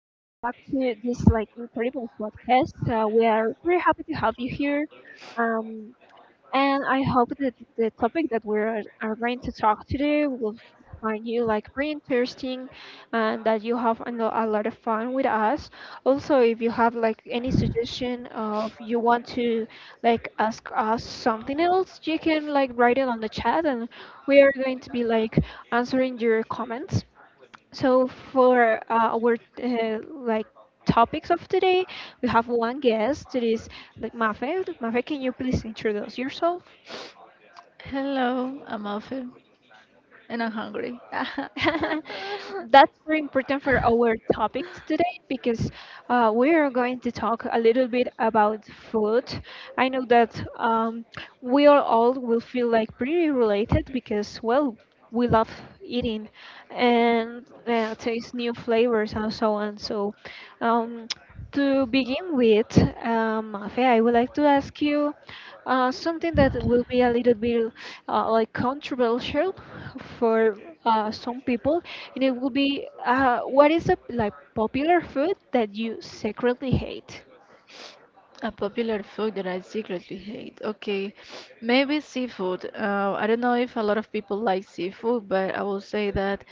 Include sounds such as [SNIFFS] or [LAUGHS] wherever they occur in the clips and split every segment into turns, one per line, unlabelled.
welcome back to this incredible podcast. We are very happy to have you here, um, and I hope that the topic that we are going to talk today will find you very interesting, and that you have a lot of fun with us. Also, if you have any suggestion of you want to ask us something else, you can write it on the chat, and we are going to be answering your comments. So for our uh, like topics of today, we have one guest. It is Mafe. Mafe, can you please introduce yourself?
Hello, I'm Alfie, and I'm hungry.
[LAUGHS] That's very important for our topic today because we are going to talk a little bit about food. I know that we are all will feel like pretty related because, well, we love eating and taste new flavors and so on. So, um, to begin with, Mafe, I would like to ask you. Something that will be a little bit controversial for some people, and it will be what is a like popular food that you secretly
[LAUGHS]
hate?
A popular food that I secretly hate. Okay, maybe seafood. I don't know if a lot of people like seafood, but I will say that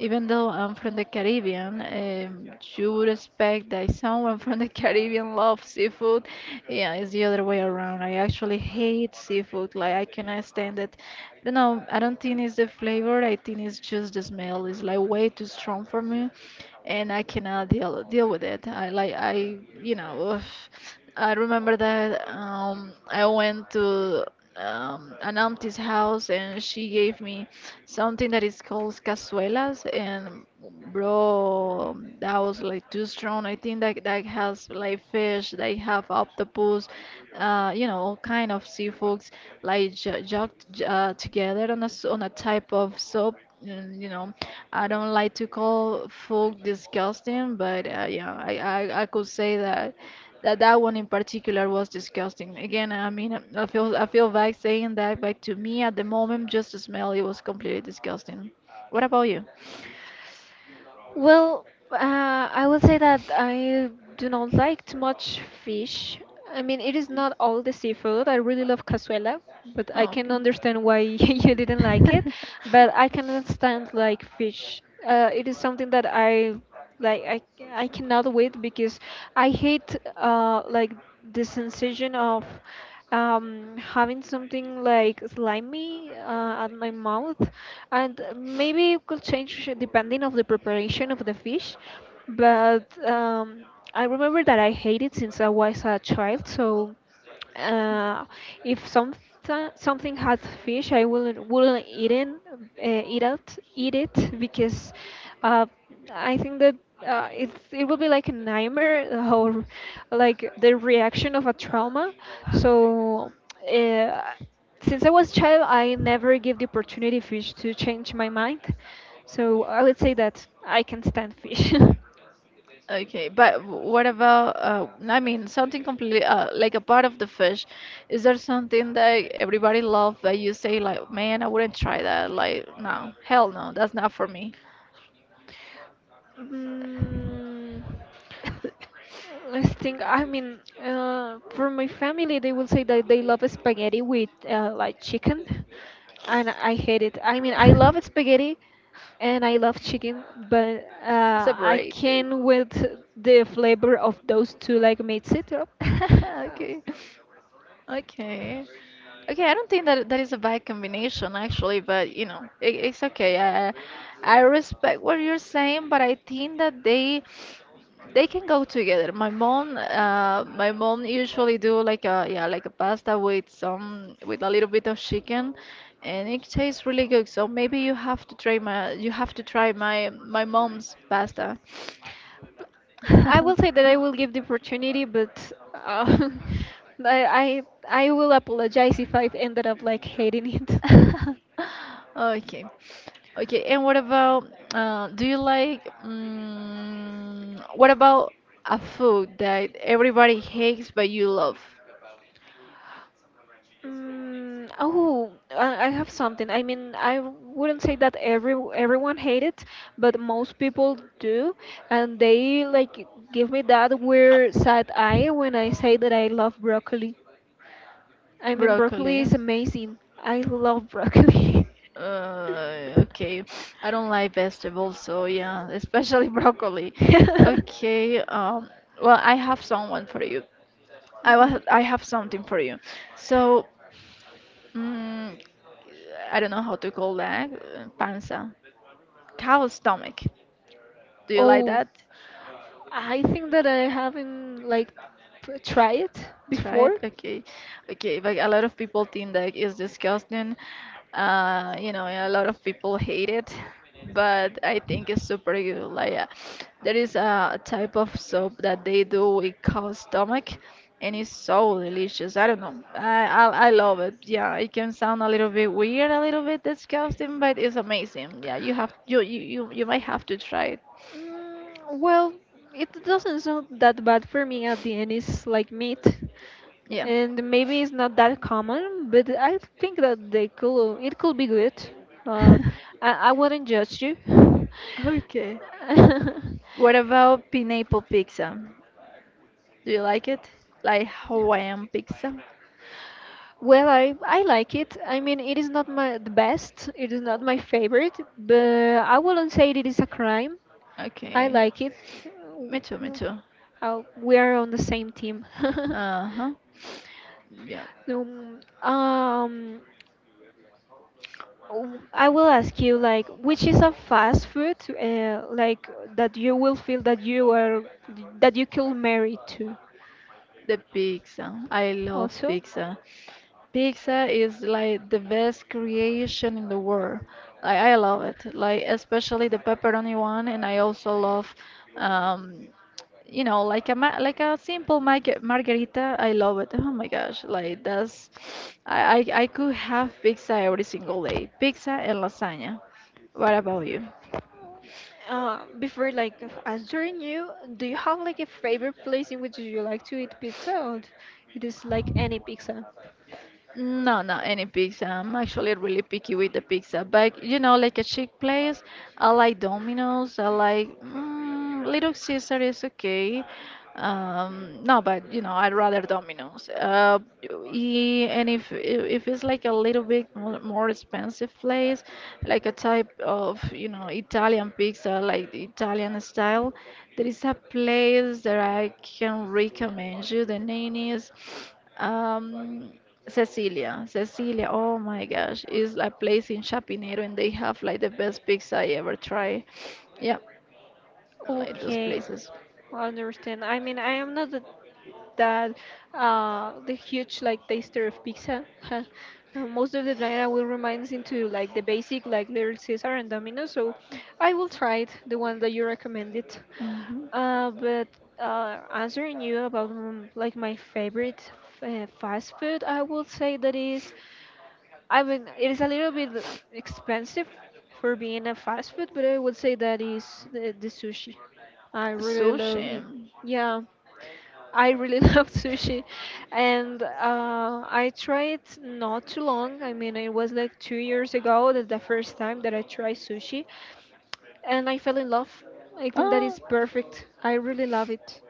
even though I'm from the Caribbean, you would expect that someone from the [LAUGHS] Caribbean loves seafood. Yeah, it's the other way around. I actually hate seafood. Like I cannot stand it. I don't know. I don't think it's the flavor. I think it's just the smell. It's like way too strong for me, and I cannot deal with it. I. [SIGHS] Ugh. I remember that I went to an auntie's house and she gave me something that is called cazuelas, and bro, that was like too strong. I think that that has like fish, they have octopus, you know, all kind of seafoods like together on on a type of soup. And, you know, I don't like to call food disgusting, but yeah, I could say that. That one in particular was disgusting. Again, I mean, I feel bad saying that, but to me at the moment, just the smell, it was completely disgusting. What about you?
Well, I will say that I do not like too much fish. I mean, it is not all the seafood. I really love cazuela, but I can understand why [LAUGHS] you didn't like it. But I cannot stand like fish. It is something that I like.
Okay.
I cannot wait because I hate like the sensation of
[LAUGHS]
having something like slimy at my mouth, and maybe it could change depending of the preparation of the fish. But I remember that I hated since I was a child, so uh, if something has fish, I wouldn't eat it, eat out, eat it because uh, I think that it will be like a nightmare or like the reaction of a trauma. So. Uh, since I was child, I never give the opportunity fish to change my mind. So I would say that I can stand fish. [LAUGHS]
Okay, but what about, I mean, something completely, like a part of the fish. Is there something that everybody loves that you say, like, man, I wouldn't try that? Like, no, hell no, that's not for me.
Mm,
[LAUGHS]
Let's think. I mean, for my family, they will say that they love spaghetti with chicken, and I hate it. I mean, I love spaghetti and I love chicken, but I
Separate.
can't with the flavor of those two like mix it up.
[LAUGHS]
Uh,
Okay. Okay. Okay, I don't think that that is a bad combination actually, but you know, it's okay. I respect what you're saying, but I think that they can go together. My mom usually do like a yeah, like a pasta with some with a little bit of chicken, and it tastes really good. So maybe you have to try my you have to try my mom's pasta.
I will say that I will give the opportunity, but [LAUGHS]
[LAUGHS]
I, I I will apologize if I've ended up like hating it. [LAUGHS]
[LAUGHS] Okay. Okay, and what about do you like mm, what about a food that everybody hates but you love?
Mm, oh, I have something. I mean, I wouldn't say that everyone hate it, but most people do, and they like give me that weird side eye when I say that I love broccoli. I mean, broccoli
Broccoli.
is amazing. I love broccoli. [LAUGHS]
Okay. I don't like vegetables, so yeah, especially [LAUGHS] broccoli.
[LAUGHS]
Okay. Well, I have someone for you.
Mhm.
I have something for you. So, mm I don't know how to call that. Uh, Panza. Cow stomach. Do you like
Oh,
that?
I think that I haven't tried it
Try it?
before.
Okay. Okay, but a lot of people think that it's disgusting. You know, a lot of people hate it, but I think it's super good. Like, there is a type of soup that they do with cow stomach, and it's so delicious. I don't know. I love it. Yeah, it can sound a little bit weird, a little bit disgusting, but it's amazing. Yeah, you have you might have to try it.
Mm, well, it doesn't sound that bad for me at the end. It's like meat,
Yeah.
and maybe it's not that common, but I think that they could. It could be good. Uh,
[LAUGHS]
I wouldn't judge you.
Okay. What
[LAUGHS]
about pineapple pizza? Do you like it? Like Hawaiian pizza?
Well, I like it. I mean, it is not my the best. It is not my favorite, but I wouldn't say it is a crime. I
Okay.
like it.
Me too, me
W-
too.
We are on the same team. [LAUGHS]
Uh-huh. Yeah.
um, um, I will ask you like which is a fast food that you will feel that you are that you could marry to.
The pizza. I love
Also,
pizza. Pizza is like the best creation in the world. I love it. Like especially the pepperoni one, and I also love, um, you know, like a ma like a simple margarita. I love it. Oh my gosh, I could have pizza every single day. Pizza and lasagna. What about you?
before answering you, do you have like a favorite place in which you like to eat pizza, it is like any pizza?
No, no, any pizza. I'm actually really picky with the pizza. But you know, like a chic place, I like Domino's. I like mm, Little Caesar is okay. No, but you know, I'd rather Domino's. And if it's like a little bit more expensive place, like a type of you know Italian pizza, like the Italian style, there is a place that I can recommend you. The name is. Um, Cecilia, Cecilia, oh my gosh, is a place in Chapinero and they have like the best pizza I ever tried. Yeah, like those
Okay,
places.
I understand. I mean, I am not. That the huge like taster of pizza. [LAUGHS] Most of the time, I will remind into like the basic like Little Caesar and Domino's. So I will try it, the one that you recommended.
Mhm.
But answering you about like my favorite fast food, I would say that is. I mean, it is a little bit expensive for being a fast food, but I would say that is the sushi. I really love
Sushi.
it. Yeah, I really [LAUGHS] love sushi, and I tried not too long. I mean, it was like 2 years ago that the first time that I tried sushi, and I fell in love. I think that
Oh,
is perfect. I really love it.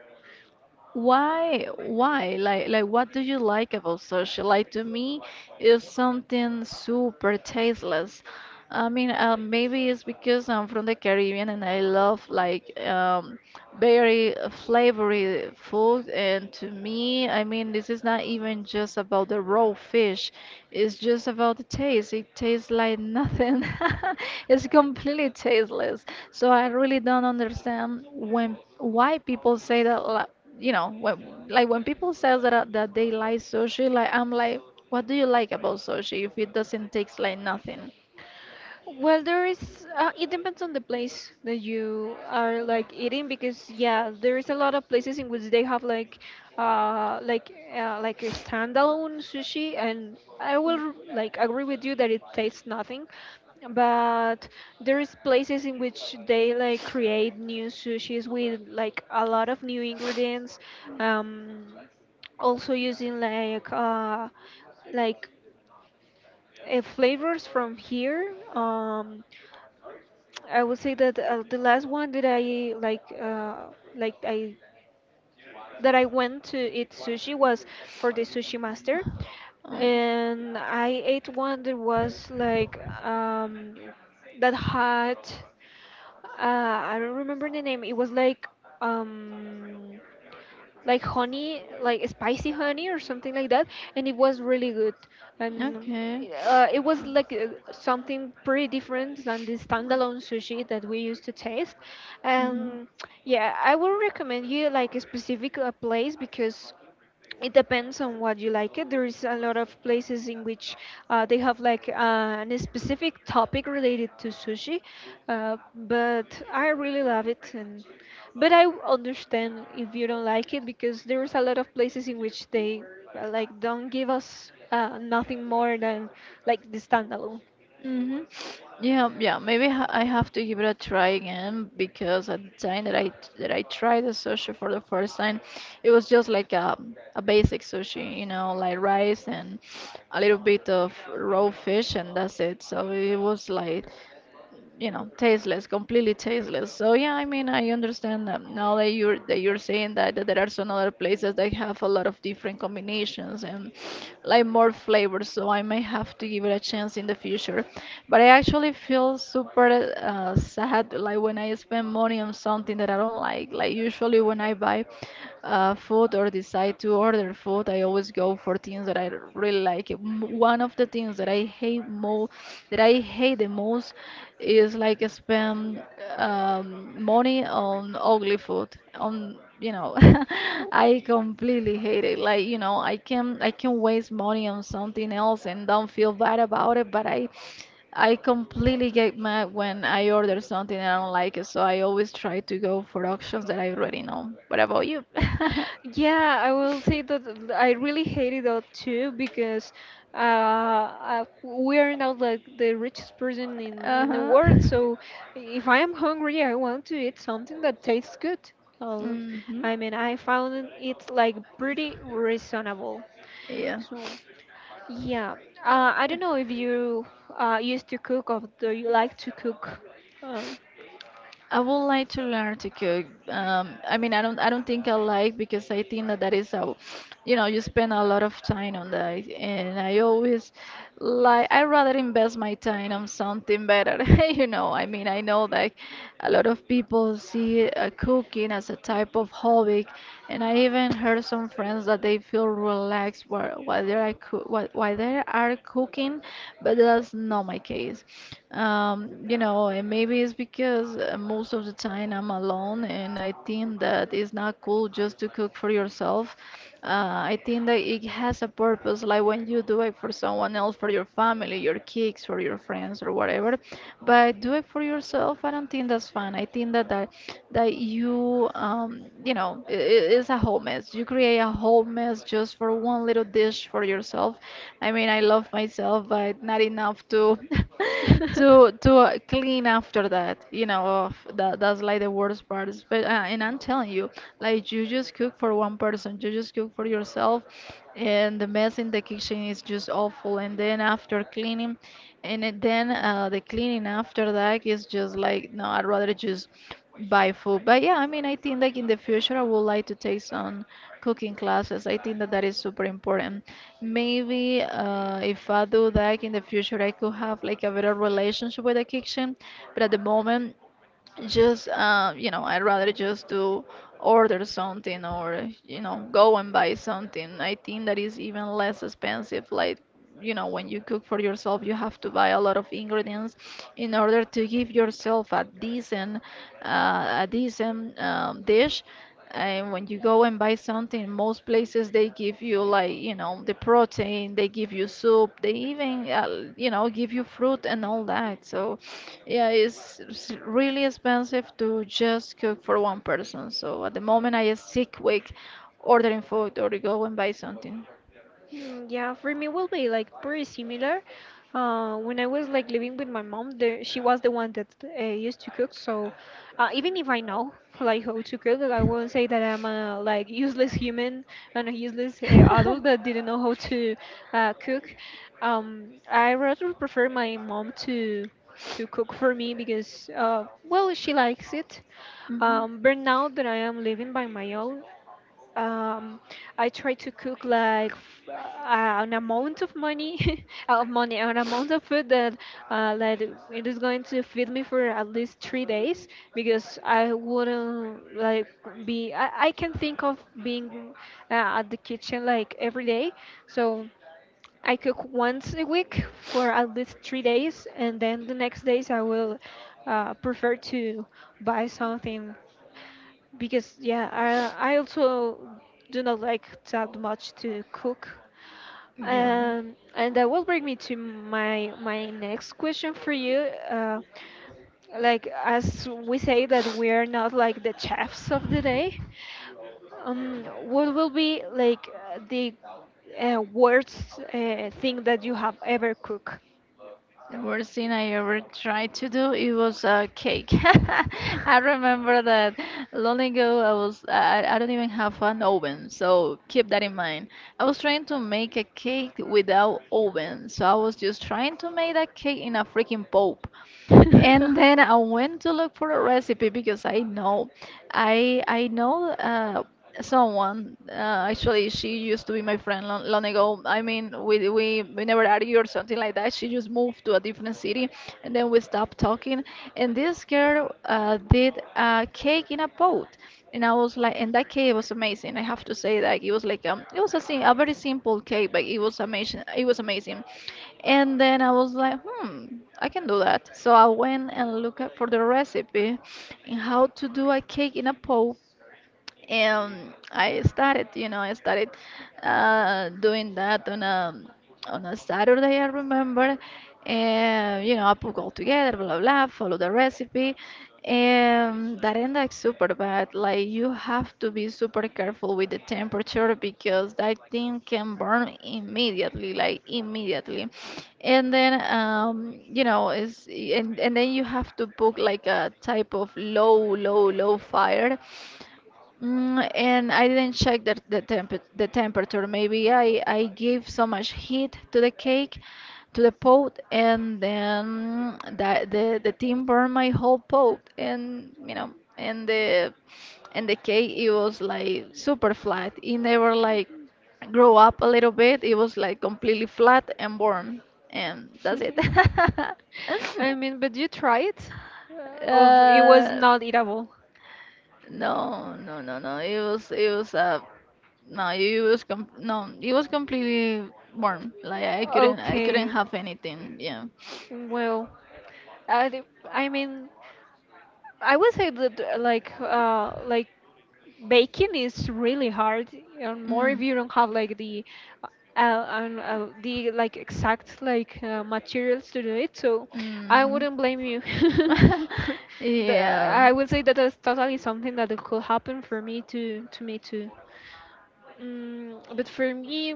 why? Why? What do you like about sushi? Like, to me, it's something super tasteless. I mean, maybe it's because I'm from the Caribbean and I love like very flavory food, and to me, I mean, this is not even just about the raw fish, it's just about the taste. It tastes like nothing. [LAUGHS] It's completely tasteless, so I really don't understand when why people say that you know when, like when people say that that they like sushi, like I'm like, what do you like about sushi if it doesn't taste like nothing?
Well, there is. It depends on the place that you are like eating because yeah, there is a lot of places in which they have like a standalone sushi, and I will like agree with you that it tastes nothing, but there is places in which they like create new sushis with like a lot of new ingredients, um, also using like flavors from here. I would say that the last one that I like I that I went to eat sushi was for the sushi master,
Mm.
and I ate one that was like um, that had I don't remember the name. It was um like honey, like spicy honey or something like that, and it was really good. I mean,
Okay.
it was like something pretty different than the standalone sushi that we used to taste.
Mm-hmm.
And yeah, I would recommend you like a specific place because it depends on what you like it there's a lot of places in which they have a specific topic related to sushi, but I really love it, and understand if you don't like it because there's a lot of places in which they like don't give us nothing more than like the standalone.
Mm-hmm. Yeah, yeah. Maybe ha I have to give it a try again because at the time that I tried the sushi for the first time, it was just like a basic sushi, you know, like rice and a little bit of raw fish, and that's it. So it was like, you know, tasteless, completely tasteless. So yeah, I mean, I understand that now that you're saying that there are some other places that have a lot of different combinations and like more flavors, so I may have to give it a chance in the future. But I actually feel super sad, like when I spend money on something that I don't like. Like usually when I buy food, or decide to order food, I always go for things that I really like. One of the things that I hate mo that I hate the most is like I spend money on ugly food on, you know. [LAUGHS] I completely hate it. Like, you know, I can waste money on something else and don't feel bad about it, but I completely get mad when I order something and I don't like it, so I always try to go for options that I already know. What about you?
Yeah, I will say that I really hated that too because we are not like
[LAUGHS]
the richest person in the
Uh-huh. [LAUGHS]
world. So if I am hungry, I want to eat something that tastes good. Uh,
Mm-hmm.
I mean, I found it like pretty reasonable.
Yeah.
So yeah, I don't know if you used to cook, or do you like to cook? Uh.
I would like to learn to cook. I mean, I don't think I like, because I think that that is how, you know, you spend a lot of time on that, and I always I rather invest my time on something better. [LAUGHS] You know, I mean, I know that a lot of people see cooking as a type of hobby. And I even heard some friends that they feel relaxed while they are while they are cooking, but that's not my case. You know, and maybe it's because most of the time I'm alone, and I think that it's not cool just to cook for yourself. I think that it has a purpose, like when you do it for someone else, for your family, your kids, or your friends, or whatever. But do it for yourself. I don't think that's fun. I think that you, you know, it's a whole mess. You create a whole mess just for one little dish for yourself. I mean, I love myself, but not enough to [LAUGHS]
[LAUGHS]
to clean after that. You know, that's like the worst part. But and until telling you, like you just cook for one person, you just cook for yourself, and the mess in the kitchen is just awful. And then after cleaning, and then the cleaning after that is just like, no, I'd rather just buy food. But yeah, I mean, I think like in the future, I would like to take some cooking classes. I think that that is super important. Maybe if I do that, like, in the future, I could have like a better relationship with the kitchen. But at the moment, just you know, I'd rather just do order something, or you know, go and buy something. I think that is even less expensive. Like, you know, when you cook for yourself, you have to buy a lot of ingredients in order to give yourself a decent dish. And when you go and buy something, most places they give you, like, you know, the protein, they give you soup, they even, you know, give you fruit and all that. So, yeah, it's really expensive to just cook for one person. So at the moment, I just sick week ordering food or go and buy something. [LAUGHS]
Mm, yeah, for me will be like pretty similar. When I was like living with my mom, she was the one that used to cook. So even if I know [LAUGHS] like how to cook, I won't say that I'm a like useless human and a useless adult that didn't know how to cook. I rather prefer my mom to cook for me because well she likes it. But now that I am living by my own, um, I try to cook like an amount of money, [LAUGHS] of money, an amount of food that like it is going to feed me for at least 3 days because I wouldn't like be. I can think of being at the kitchen like every day, so. I cook once a week for at least 3 days, and then the next days I will prefer to buy something because yeah, I also do not like that much to cook.
Yeah.
And that will bring me to my next question for you. Like as we say that we are not like the chefs of the day, what will be like the worst thing that you have ever cooked?
The worst thing I ever tried to do it was a cake. [LAUGHS] I remember that long ago I don't even have an oven, so keep that in mind. I was trying to make a cake without oven, so I was just trying to make that cake in a freaking pot. And then I went to look for a recipe because I know, I know someone. Actually, she used to be my friend long, long ago. I mean, we never argued or something like that. She just moved to a different city, and then we stopped talking. And this girl did a cake in a pot, and I was like, and that cake was amazing. I have to say that it was like it was a very simple cake, but it was amazing. It was amazing. And then I was like, hmm, I can do that. So I went and looked up for the recipe and how to do a cake in a pot and I started, I started doing that on a Saturday, I remember. And you know, I put all together, blah blah blah, follow the recipe, and that ended up super bad. Like you have to be super careful with the temperature because that thing can burn immediately, like immediately. And then it's and then you have to book like a type of low, low, low fire. And I didn't check the temperature. Maybe I gave so much heat to the cake, to the pot, and then that the team burned my whole pot, and you know, and the cake it was like super flat. It never like grow up a little bit. It was like completely flat and warm, and that's it.
[LAUGHS]
[LAUGHS]
I mean, but you tried, uh, of it was
Uh,
not eatable.
no, no, no, no. It was a no, it was com no, it was completely warm. Like I couldn't
Okay,
have anything. Yeah.
well, I, d- I mean, I would say that baking is really hard and more if
Mm.
you don't have like uh, the like exact like materials to do it, so I
Hmm.
wouldn't blame you.
[LAUGHS]
[LAUGHS]
Yeah.
I would say that that's totally something that could happen for me to me too. But for me,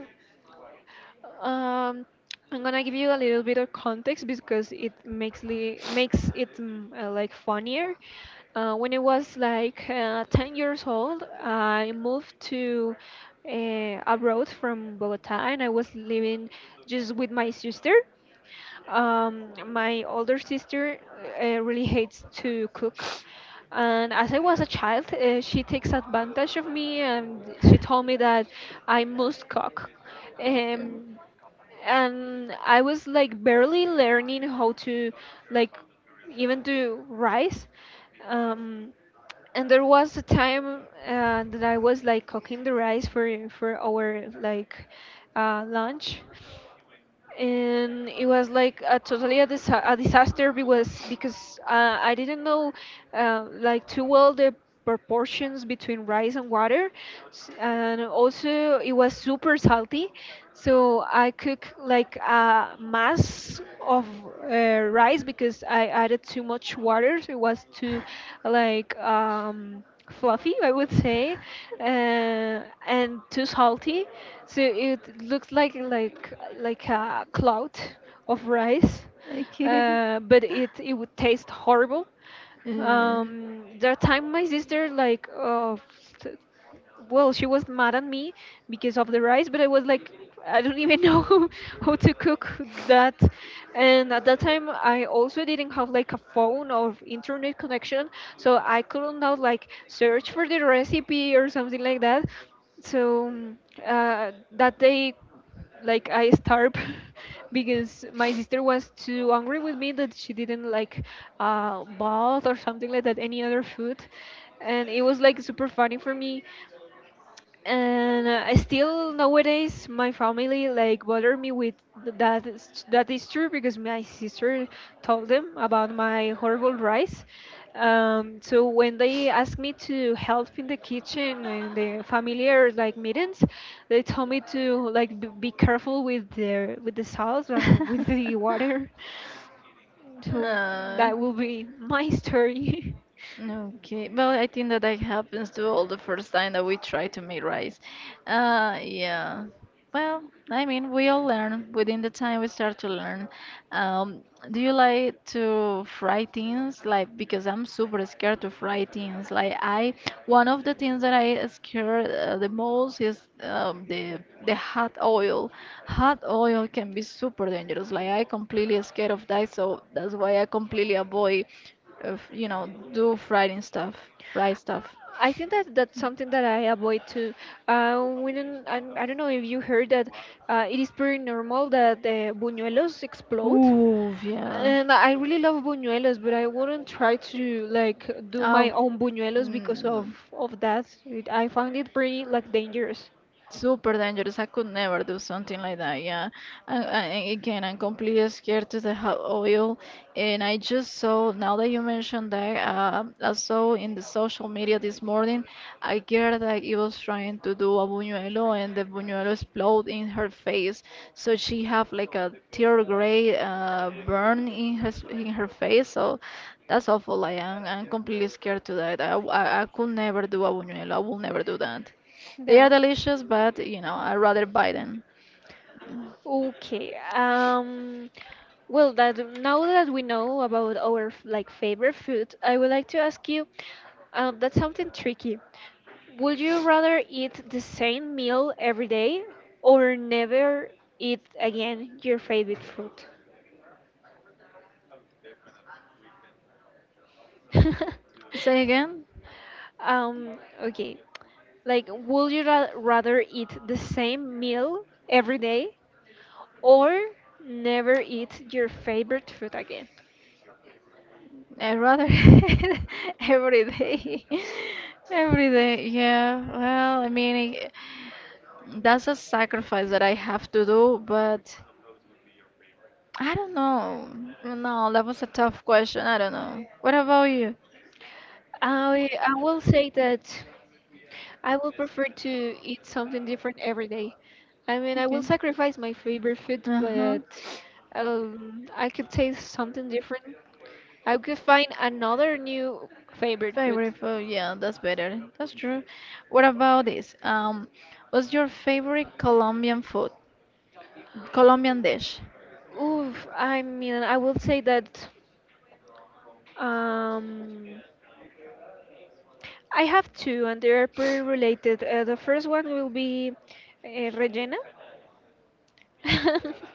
um, I'm gonna give you a little bit of context because makes it like funnier. When I was like 10 years old, I moved to abroad from Bogota, and I was living just with my sister. My older sister really hates to cook. And as I was a child, she takes advantage of me and she told me that I must cook.
That's good.
Um, and I was like barely learning how to like even do rice. Um, and there was a time that I was like cooking the rice for our like lunch, and it was like a totally a disaster because I didn't know like too well the proportions between rice and water. And also it was super salty, so I cook like a mass of uh, rice because I added too much water, so it was too like. Fluffy, I would say, and too salty, so it looks like a cloud of rice,
Okay.
but it would taste horrible.
Mm.
There are time my sister like she was mad at me because of the rice, but I was like, I don't even know [LAUGHS] how to cook that. And at that time, I also didn't have like a phone or internet connection, so I couldn't now like search for the recipe or something like that. So that day like I starve [LAUGHS] because my sister was too angry with me that she didn't like bath or something like that, any other food. And it was like super funny for me and I still nowadays my family like bother me with that is true because my sister told them about my horrible rice, so when they asked me to help in the kitchen in the familiar like meetings they told me to be careful with the salt and with the
[LAUGHS]
water. [LAUGHS] So
Uh,
that will be my story. [LAUGHS]
Okay, well, I think that that happens to all the first time that we try to make rice. Yeah. Well, I mean, we all learn within the time we start to learn. Um, do you like to fry things? Like, because I'm super scared to fry things. Like, I one of the things that I scared the most is the hot oil. Hot oil can be super dangerous. Like, I completely scared of that, so that's why I completely avoid, uh, you know, do frying stuff, fry stuff.
I think that that's something that I avoid too. We don't, I don't know if you heard that it is pretty normal that the buñuelos explode.
Ooh, yeah.
And I really love buñuelos, but I wouldn't try to like do my
Oh.
own buñuelos because of
Mm,
of that. It, I find it pretty like dangerous.
super dangerous. I could never do something like that. Yeah. And again, I'm completely scared to the hot oil. And I just saw, now that you mentioned that, I saw in the social media this morning a girl that he was trying to do a buñuelo and the buñuelo explode in her face. So she have like a tear gray burn in her face. So that's awful. I'm completely scared to that. I could never do a buñuelo. I will never do that. They are
Yeah.
delicious, but you know, I rather buy them.
Okay. Um, well, that now that we know about our like favorite food, I would like to ask you. That's something tricky. Would you rather eat the same meal every day or never eat again your favorite food? [LAUGHS]
Say again?
Um, okay. Like, would you rather eat the same meal every day or never eat your favorite food again?
I rather [LAUGHS] every day. [LAUGHS] Every day, yeah. Well, I mean, it- that's a sacrifice that I have to do, but I don't know. No, that was a tough question. I don't know. What about you?
I will say that I will prefer to eat something different every day. I mean, I will
Okay.
sacrifice my favorite food,
Uh-huh.
but I could taste something different. I could find another new favorite food.
Favorite food, yeah, that's better. That's true. What about this? What's your favorite Colombian food? Colombian dish?
Oof, I mean, I will say that. Um, I have two, and they're pretty related. The first one will be Regina. [LAUGHS]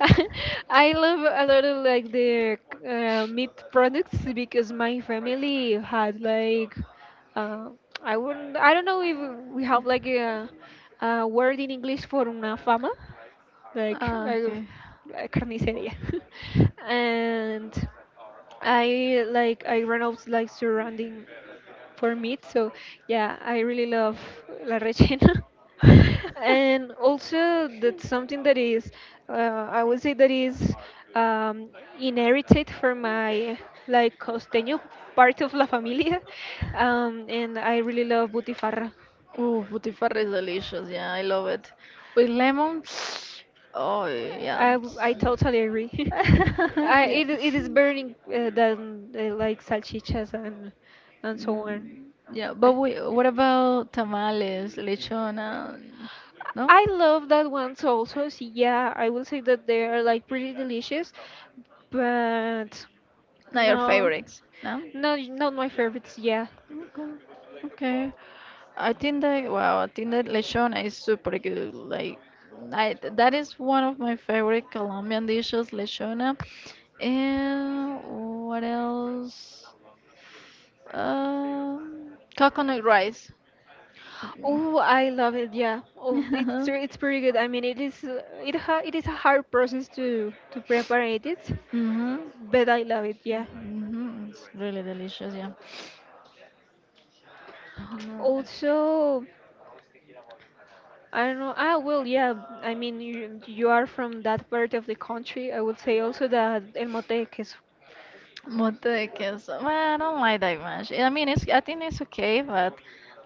I love a lot of like the meat products because my family had like uh, I wouldn't I don't know if we have like a word in English for una fama like
Ah, okay.
a carnicería. [LAUGHS] And I like I run out like surrounding for meat. So yeah, I really love la rellena. [LAUGHS] And also that's something that is I would say that is um, inherited from my like costeño part
[LAUGHS]
of La Familia. [LAUGHS] And I really love butifarra.
Ooh, butifarra is delicious. Yeah, I love it. With lemon. [SNIFFS] Oh, yeah.
I,
it's-
I totally agree. [LAUGHS]
[LAUGHS]
I,
yeah.
it is burning than like salchichas and so on.
Mm, yeah, but
I,
we, what about tamales, lechona? No?
I love that ones also. So yeah, I will say that they are like pretty delicious, but
Not your
no.
favorites, no?
No, not my favorites. Yeah.
Okay. Okay. I think that wow, I think that lechona is super good. Like I that is one of my favorite Colombian dishes, lechona. And what else? Coconut rice.
Oh, I love it. Yeah. Oh, it's
Mm. [LAUGHS]
it's pretty good. I mean, it is it ha it is a hard process to prepare it,
Mhm.
but I love it. Yeah.
Mhm. It's really delicious, yeah. No.
Also, I don't know. Ah, well, yeah. I mean, you are from that part of the country. I would say also that El Motec is.
Motecas. Well, I don't like that much. I mean, it's I think it's okay, but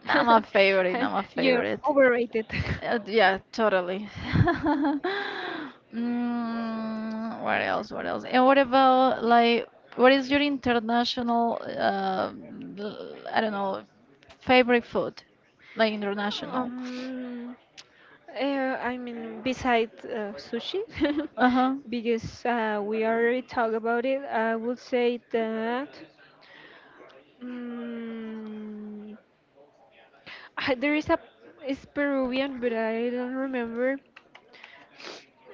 not my favorite. Not
[LAUGHS]
my
You
favorite.
overrated. [LAUGHS]
Yeah, totally. [LAUGHS] Mm, what else? What else? And what about like what is your international l- I don't know favorite food? Like international.
Um, I mean, besides sushi, [LAUGHS]
Uh-huh.
because we already talked about it, I would say that mm, [LAUGHS] there is a it's Peruvian, but I don't remember.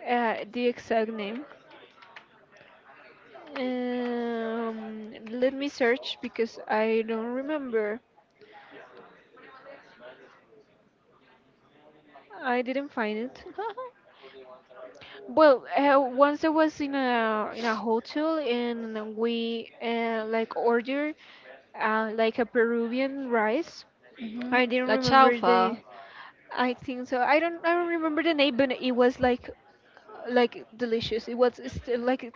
The exact name. Let me search because I don't remember. I didn't find it. [LAUGHS] Well, once I was in a hotel and we like ordered like a Peruvian rice.
Mhm.
I didn't
La
remember the.
chaufa.
I think so. I don't. I don't remember the name, but it was like delicious. It was still like,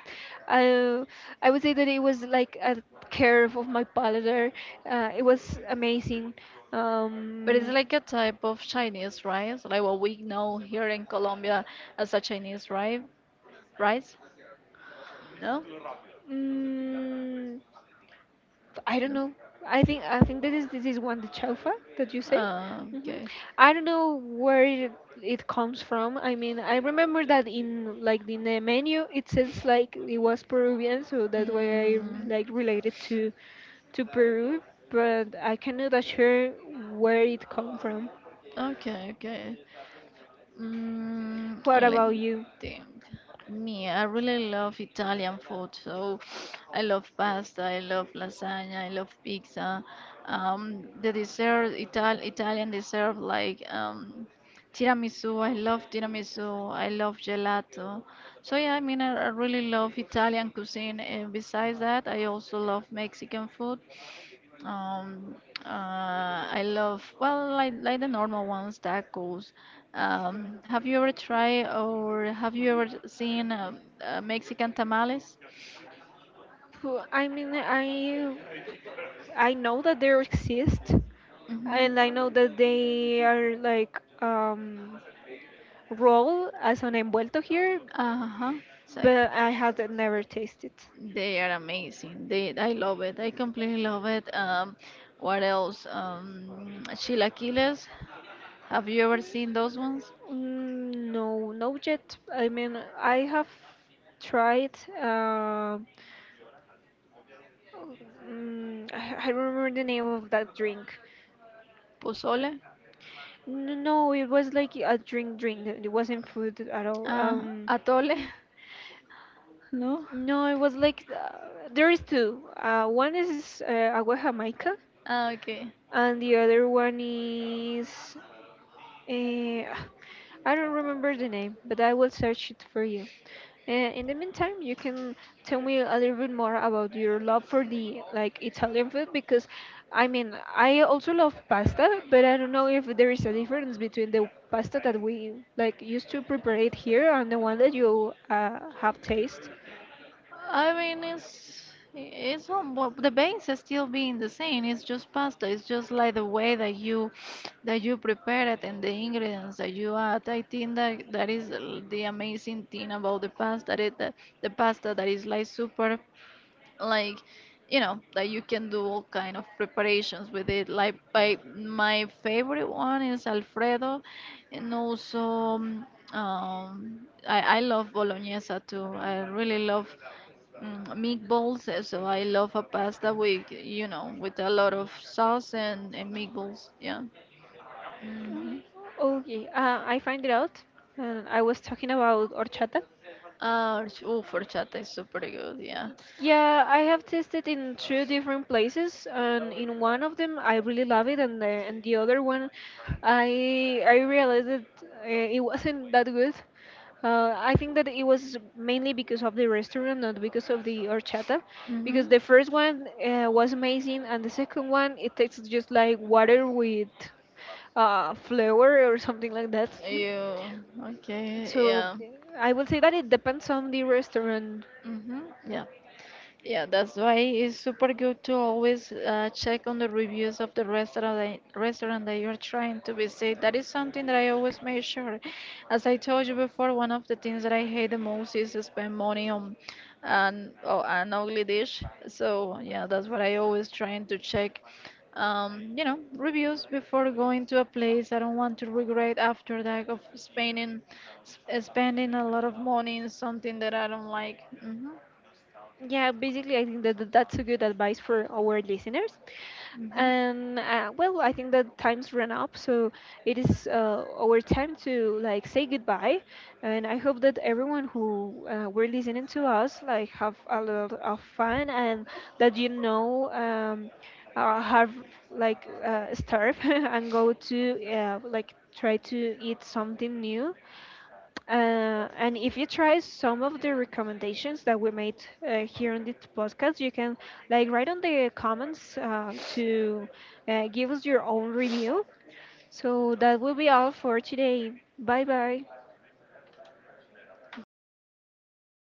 uh, I would say that it was like a curve of my palate. There. It was amazing.
But it's
Um,
like a type of Chinese rice, like what we know here in Colombia as a Chinese rice. Rice? No?
mm, I don't
No.
know. I think that is this is one the chaufa that you say.
Ah,
Hmm,
okay.
I don't know where it comes from. I mean, I remember that in like in the menu it says like it was Peruvian, so that's why I
Mm,
like related to Peru. But I cannot assure where it come from.
okay, okay. Mm,
What
let
about
me
you?
think. Me, I really love Italian food. So I love pasta, I love lasagna, I love pizza. The dessert, Italian dessert like tiramisu. I love tiramisu. I love gelato. So yeah, I mean, I really love Italian cuisine. And besides that, I also love Mexican food. Um, I love, well, like the normal ones, tacos. Have you ever tried or have you ever seen Mexican tamales?
Pho- I mean, I know that they exist, and I know
Mm-hmm.
that they are like roll as an envuelto here,
Uh-huh. It's like
but I had never tasted.
they are amazing. I love it. I completely love it. What else? Chilaquiles. Have you ever seen those ones?
Mm, no, no yet. I mean, I have tried. Uh, mm, I don't remember the name of that drink.
Pozole?
N- No, it was like a drink, drink. It wasn't food at all.
Atole? [LAUGHS] No?
No, it was like there is two. One is Agua Jamaica,
Ah, okay.
and the other one is uh, [SIGHS] I don't remember the name, but I will search it for you. In the meantime, you can tell me a little bit more about your love for the like Italian food because I mean I also love pasta, but I don't know if there is a difference between the pasta that we like used to prepare it here and the one that you have taste.
I mean, it's not, well, the base is still being the same. It's just pasta. It's just like the way that you prepare it and the ingredients that you add. I think that that is the amazing thing about the pasta. That the pasta that is like super like you know that you can do all kind of preparations with it like by my favorite one is alfredo and also um, I love bolognese too I really love mm, meatballs so I love a pasta with with a lot of sauce and meatballs yeah hmm
Okay, I find it out. And I was talking about horchata.
oh horchata is super good yeah
Yeah, I have tasted in two different places, and in one of them I really love it, and the other one, I realized that it wasn't that good. I think that it was mainly because of the restaurant, not because of the horchata, because
hmm.
the first one was amazing, and the second one it tastes just like water with flour or something like that. [LAUGHS]
You okay?
So
Yeah.
I would say that it depends on the restaurant.
Mm-hmm. Yeah. Yeah, that's why it's super good to always check on the reviews of the restaurant restaurant that you're trying to visit. That is something that I always make sure. As I told you before, one of the things that I hate the most is to spend money on an ugly dish. So yeah, that's what I always trying to check. You know, reviews before going to a place. I don't want to regret after that of spending sp spending a lot of money in something that I don't like. Hmm.
Yeah, basically, I think that that's a good advice for our listeners
Hmm.
and well I think that time's run up so it is our time to like say goodbye and I hope that everyone who were listening to us like have a lot of fun and that you know have like starve [LAUGHS] and go to like try to eat something new and if you try some of the recommendations that we made here on this podcast, you can like write on the comments to give us your own review. So that will be all for today. Bye bye.